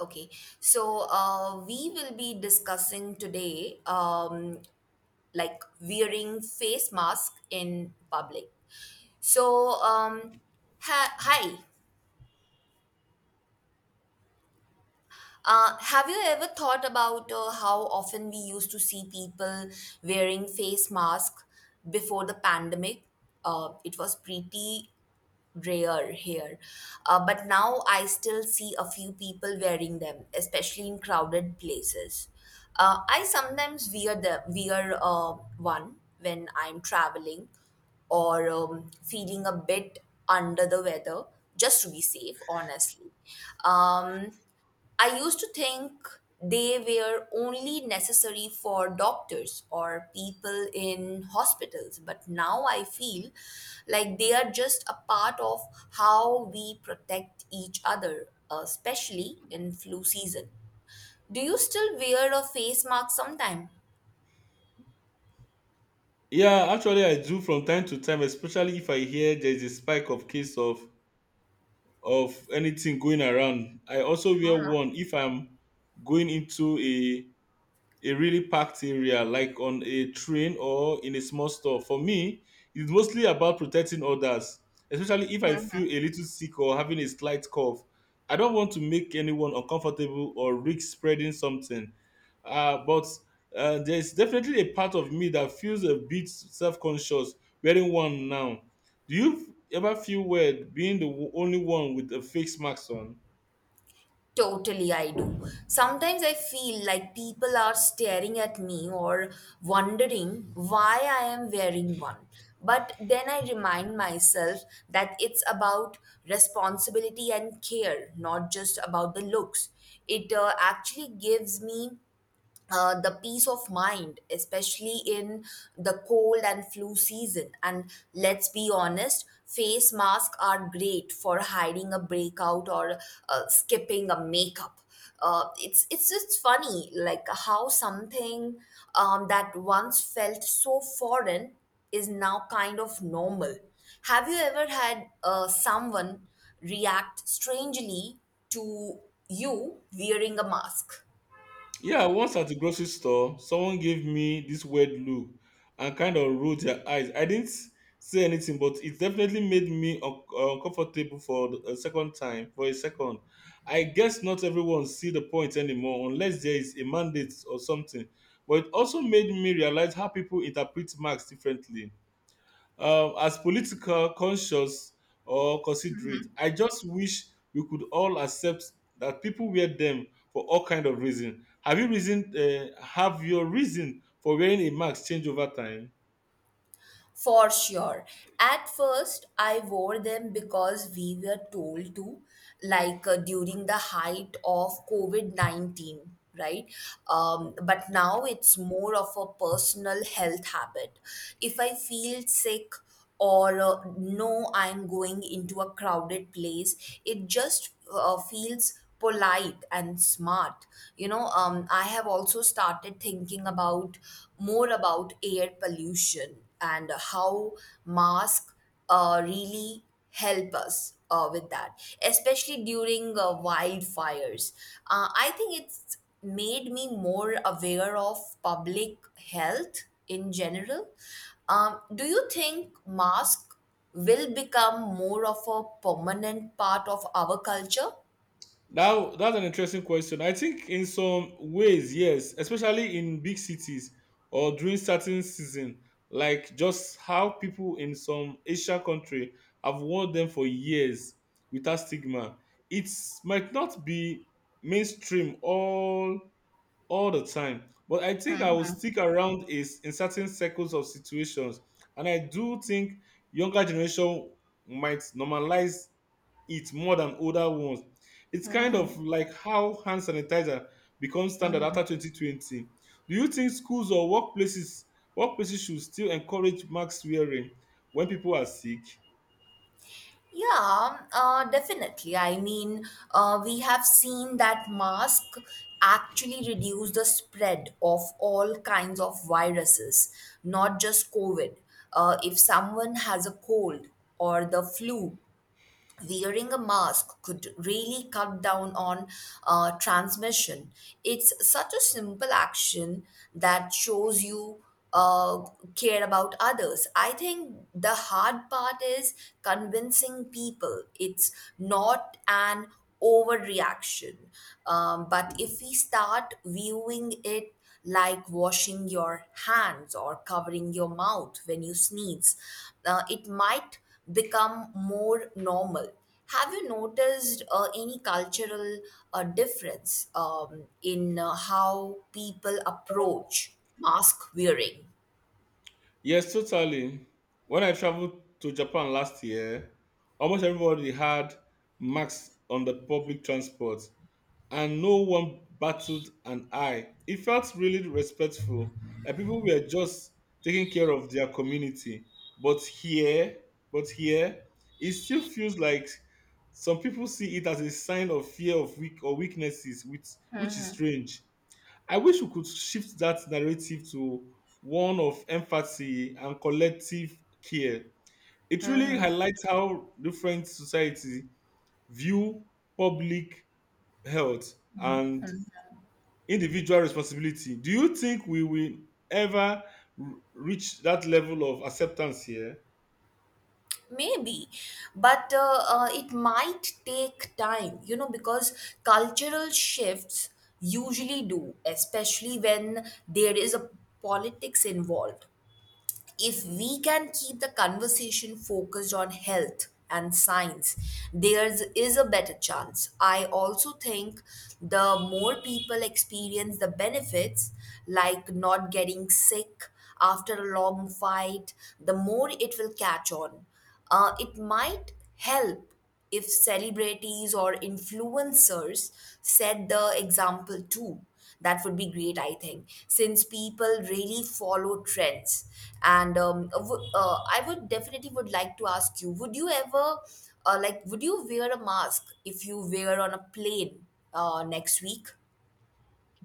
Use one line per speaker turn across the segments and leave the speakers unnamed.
Okay, we will be discussing today like wearing face mask in public. So, um, Hi. Have you ever thought about how often we used to see people wearing face mask before the pandemic? It was pretty rare here. But now I still see a few people wearing them, especially in crowded places. I sometimes wear the wear one when I'm traveling or feeling a bit under the weather, just to be safe, honestly. Um, I used to think they were only necessary for doctors or people in hospitals, but now I feel like they are just a part of how we protect each other, especially in flu season. Do you still wear a face mask sometime?
Yeah, actually, I do from time to time, especially if I hear there's a spike of case of anything going around. I also wear one if I'm going into a really packed area, like on a train or in a small store. For me, it's mostly about protecting others, especially if I feel a little sick or having a slight cough. I don't want to make anyone uncomfortable or risk spreading something. But there's definitely a part of me that feels a bit self conscious wearing one now. Do you ever feel weird being the only one with a face mask on?
Totally, I do. Sometimes I feel like people are staring at me or wondering why I am wearing one. But then I remind myself that it's about responsibility and care, not just about the looks. It actually gives me the peace of mind, especially in the cold and flu season. And let's be honest, face masks are great for hiding a breakout or skipping a makeup. It's just funny, like how something that once felt so foreign is now kind of normal. Have you ever had someone react strangely to you wearing a mask?
Yeah, once at the grocery store, someone gave me this weird look and kind of rolled their eyes. I didn't say anything, but it definitely made me uncomfortable for a second time. For a second, I guess not everyone see the point anymore, unless there is a mandate or something. But it also made me realize how people interpret marks differently as political conscious or considerate. I just wish we could all accept that people wear them for all kind of reason. Have your reason for wearing a mask change over time?
For sure. At first, I wore them because we were told to, during the height of COVID 19, right? But now it's more of a personal health habit. If I feel sick, or no, I'm going into a crowded place. It just feels polite and smart. You know, I have also started thinking about more about air pollution and how mask really help us with that, especially during wildfires. I think it's made me more aware of public health in general. Do you think mask will become more of a permanent part of our culture?
Now, that's an interesting question. I think in some ways, yes, especially in big cities or during certain season, like just how people in some Asian country have worn them for years without stigma. It might not be mainstream all the time, but I think I will stick around is in certain circles of situations, and I do think younger generation might normalize it more than older ones. It's kind of like how hand sanitizer becomes standard after 2020. Do you think schools or workplaces should still encourage mask wearing when people are sick?
Yeah, Definitely. I mean, we have seen that mask actually reduce the spread of all kinds of viruses, not just COVID. If someone has a cold or the flu, wearing a mask could really cut down on transmission. It's such a simple action that shows you uh, care about others. I think the hard part is convincing people it's not an overreaction. But if we start viewing it like washing your hands or covering your mouth when you sneeze, it might become more normal. Have you noticed any cultural difference in how people approach mask wearing?
Yes, totally. When I traveled to Japan last year, almost everybody had masks on the public transport. And no one battled an eye. It felt really respectful. Like people were just taking care of their community. But here, but here, it still feels like some people see it as a sign of fear of weak or weaknesses, which is strange. I wish we could shift that narrative to one of empathy and collective care. It really highlights how different society view public health and individual responsibility. Do you think we will ever reach that level of acceptance here?
Maybe, but it might take time, you know, because cultural shifts usually do, especially when there is a politics involved. If we can keep the conversation focused on health and science, there is a better chance. I also think the more people experience the benefits, like not getting sick after a long fight, the more it will catch on. It might help if celebrities or influencers set the example too. That would be great, I think, since people really follow trends. I would definitely would like to ask you: would you ever, like, would you wear a mask if you wear on a plane next week?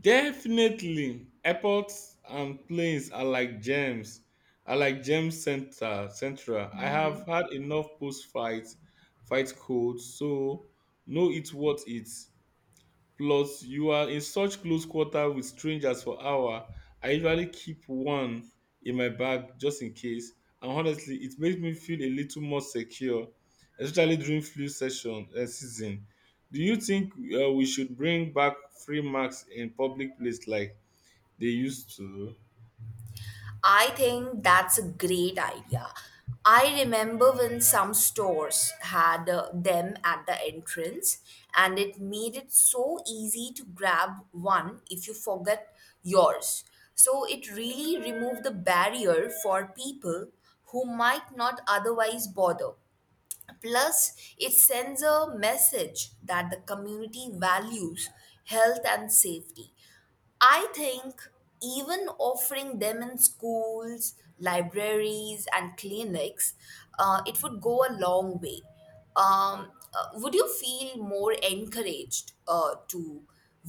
Definitely. Airports and planes are like gems, are like gem center central. I have had enough post fight codes, so know it what it. Plus, you are in such close quarter with strangers for hour. I usually keep one in my bag just in case. And honestly, it makes me feel a little more secure, especially during flu session season. Do you think we should bring back free marks in public place like they used to?
I think that's a great idea. I remember when some stores had them at the entrance, and it made it so easy to grab one if you forget yours. So it really removed the barrier for people who might not otherwise bother. Plus, it sends a message that the community values health and safety. I think even offering them in schools, libraries, and clinics, it would go a long way. Would you feel more encouraged to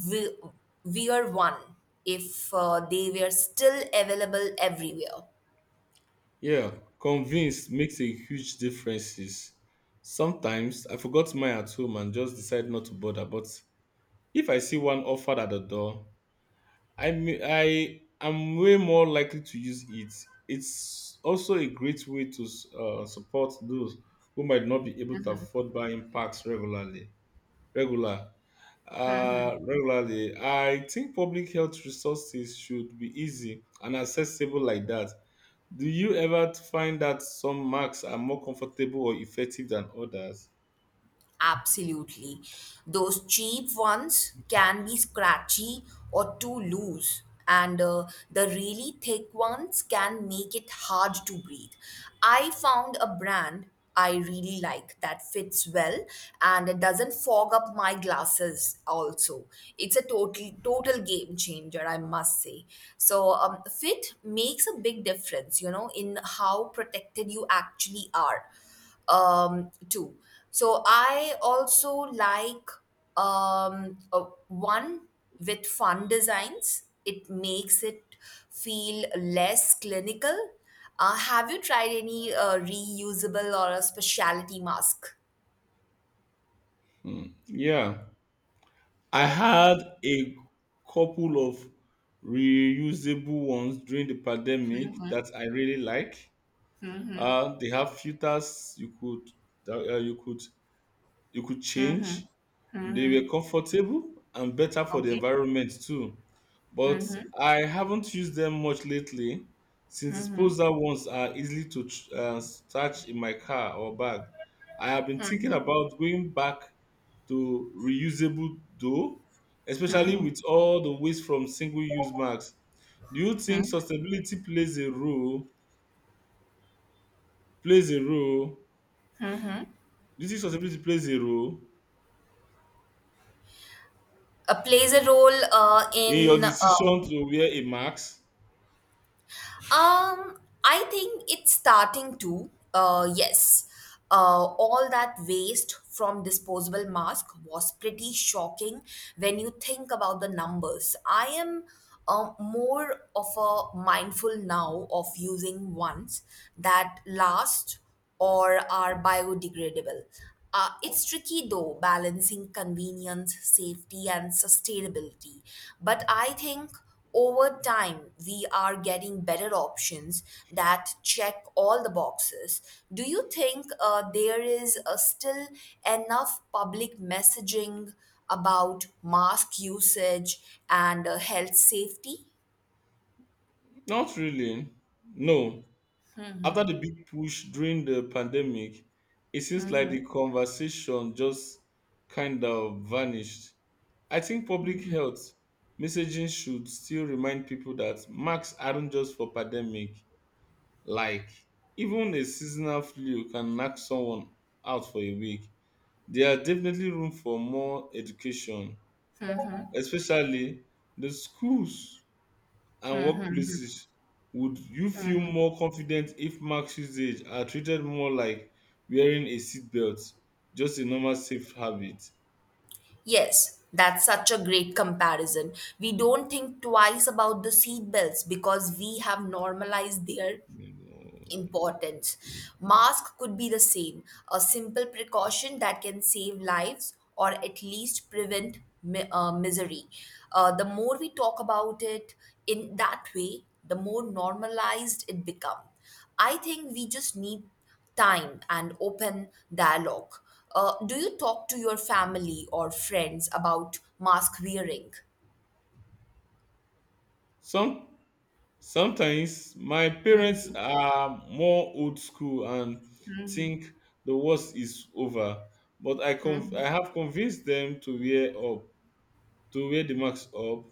we- wear one if they were still available everywhere?
Yeah, convince makes a huge differences. Sometimes I forgot mine at home and just decide not to bother, but if I see one offered at the door, I am way more likely to use it. It's also a great way to support those who might not be able to afford buying packs regularly. Regular, Regularly. I think public health resources should be easy and accessible like that. Do you ever find that some marks are more comfortable or effective than others?
Absolutely. Those cheap ones can be scratchy or too loose, and the really thick ones can make it hard to breathe. I found a brand I really like that fits well and it doesn't fog up my glasses also. It's a total game changer, I must say. So fit makes a big difference, you know, in how protected you actually are too. So I also like one with fun designs. It makes it feel less clinical. Have you tried any reusable or a specialty mask?
Yeah. I had a couple of reusable ones during the pandemic that I really like. They have filters you could that, you could change. They were comfortable and better for the
Okay,
environment too. But I haven't used them much lately since disposable ones are easily to touch in my car or bag. I have been thinking about going back to reusable though, especially with all the waste from single use masks. Do you think sustainability plays a role? Plays a role? Do you think sustainability plays a role
plays a role
in your
in
decision to wear a mask?
I think it's starting to. Yes. All that waste from disposable mask was pretty shocking when you think about the numbers. I am more of a mindful now of using ones that last or are biodegradable. It's tricky though, balancing convenience, safety, and sustainability. But I think over time we are getting better options that check all the boxes. Do you think there is still enough public messaging about mask usage and health safety?
Not really. No. After the big push during the pandemic, it seems like the conversation just kind of vanished. I think public health messaging should still remind people that masks aren't just for pandemic. Like, even a seasonal flu can knock someone out for a week. There are definitely room for more education, especially the schools and workplaces, would you feel more confident if mask usage are treated more like wearing a seatbelt, just a normal safe habit?
Yes, that's such a great comparison. We don't think twice about the seat belts because we have normalized their importance. Mask could be the same, a simple precaution that can save lives or at least prevent misery. The more we talk about it in that way, the more normalized it becomes. I think we just need time and open dialogue. Do you talk to your family or friends about mask wearing?
Some Sometimes my parents are more old school and think the worst is over, but I have convinced them to wear the mask up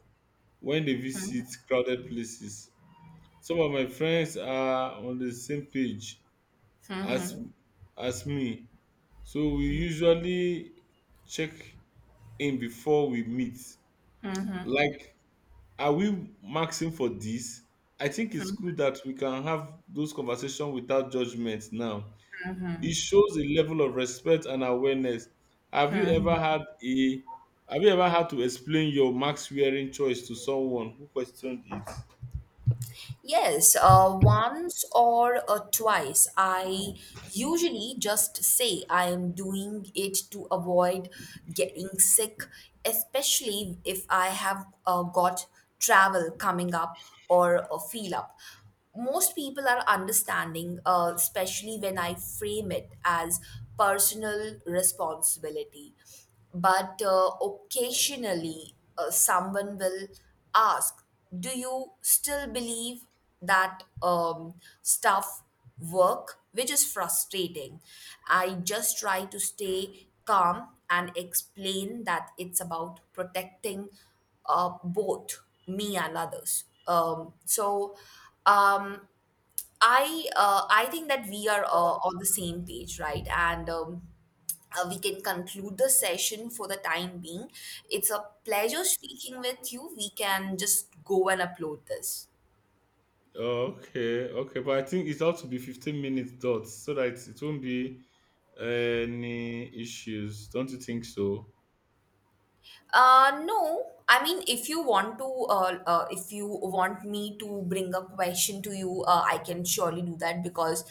when they visit crowded places. Some of my friends are on the same page as as me, so we usually check in before we meet, like, are we maxing for this? I think it's cool that we can have those conversations without judgment now. It shows a level of respect and awareness. have you ever had a have you ever had to explain your max wearing choice to someone who questioned it?
Yes, once or twice. I usually just say I am doing it to avoid getting sick, especially if I have got travel coming up or a feel up. Most people are understanding, especially when I frame it as personal responsibility. But occasionally, someone will ask, do you still believe that stuff work, which is frustrating. I just try to stay calm and explain that it's about protecting both me and others um, I think that we are on the same page, right? and We can conclude the session for the time being. It's a pleasure speaking with you. We can just go and upload this.
Oh, okay, okay, but I think it's ought to be 15 minutes dots so that it won't be any issues. Don't you think so?
No, I mean, if you want to, if you want me to bring a question to you, I can surely do that because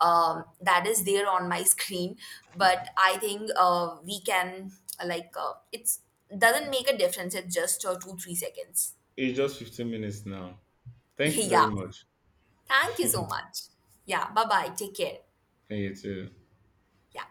that is there on my screen. But I think it's doesn't make a difference. It's just two, three seconds.
It's just 15 minutes now. Thank you very
Yeah.
much.
Thank you so much. Yeah. Bye bye. Take care.
Thank you too.
Yeah.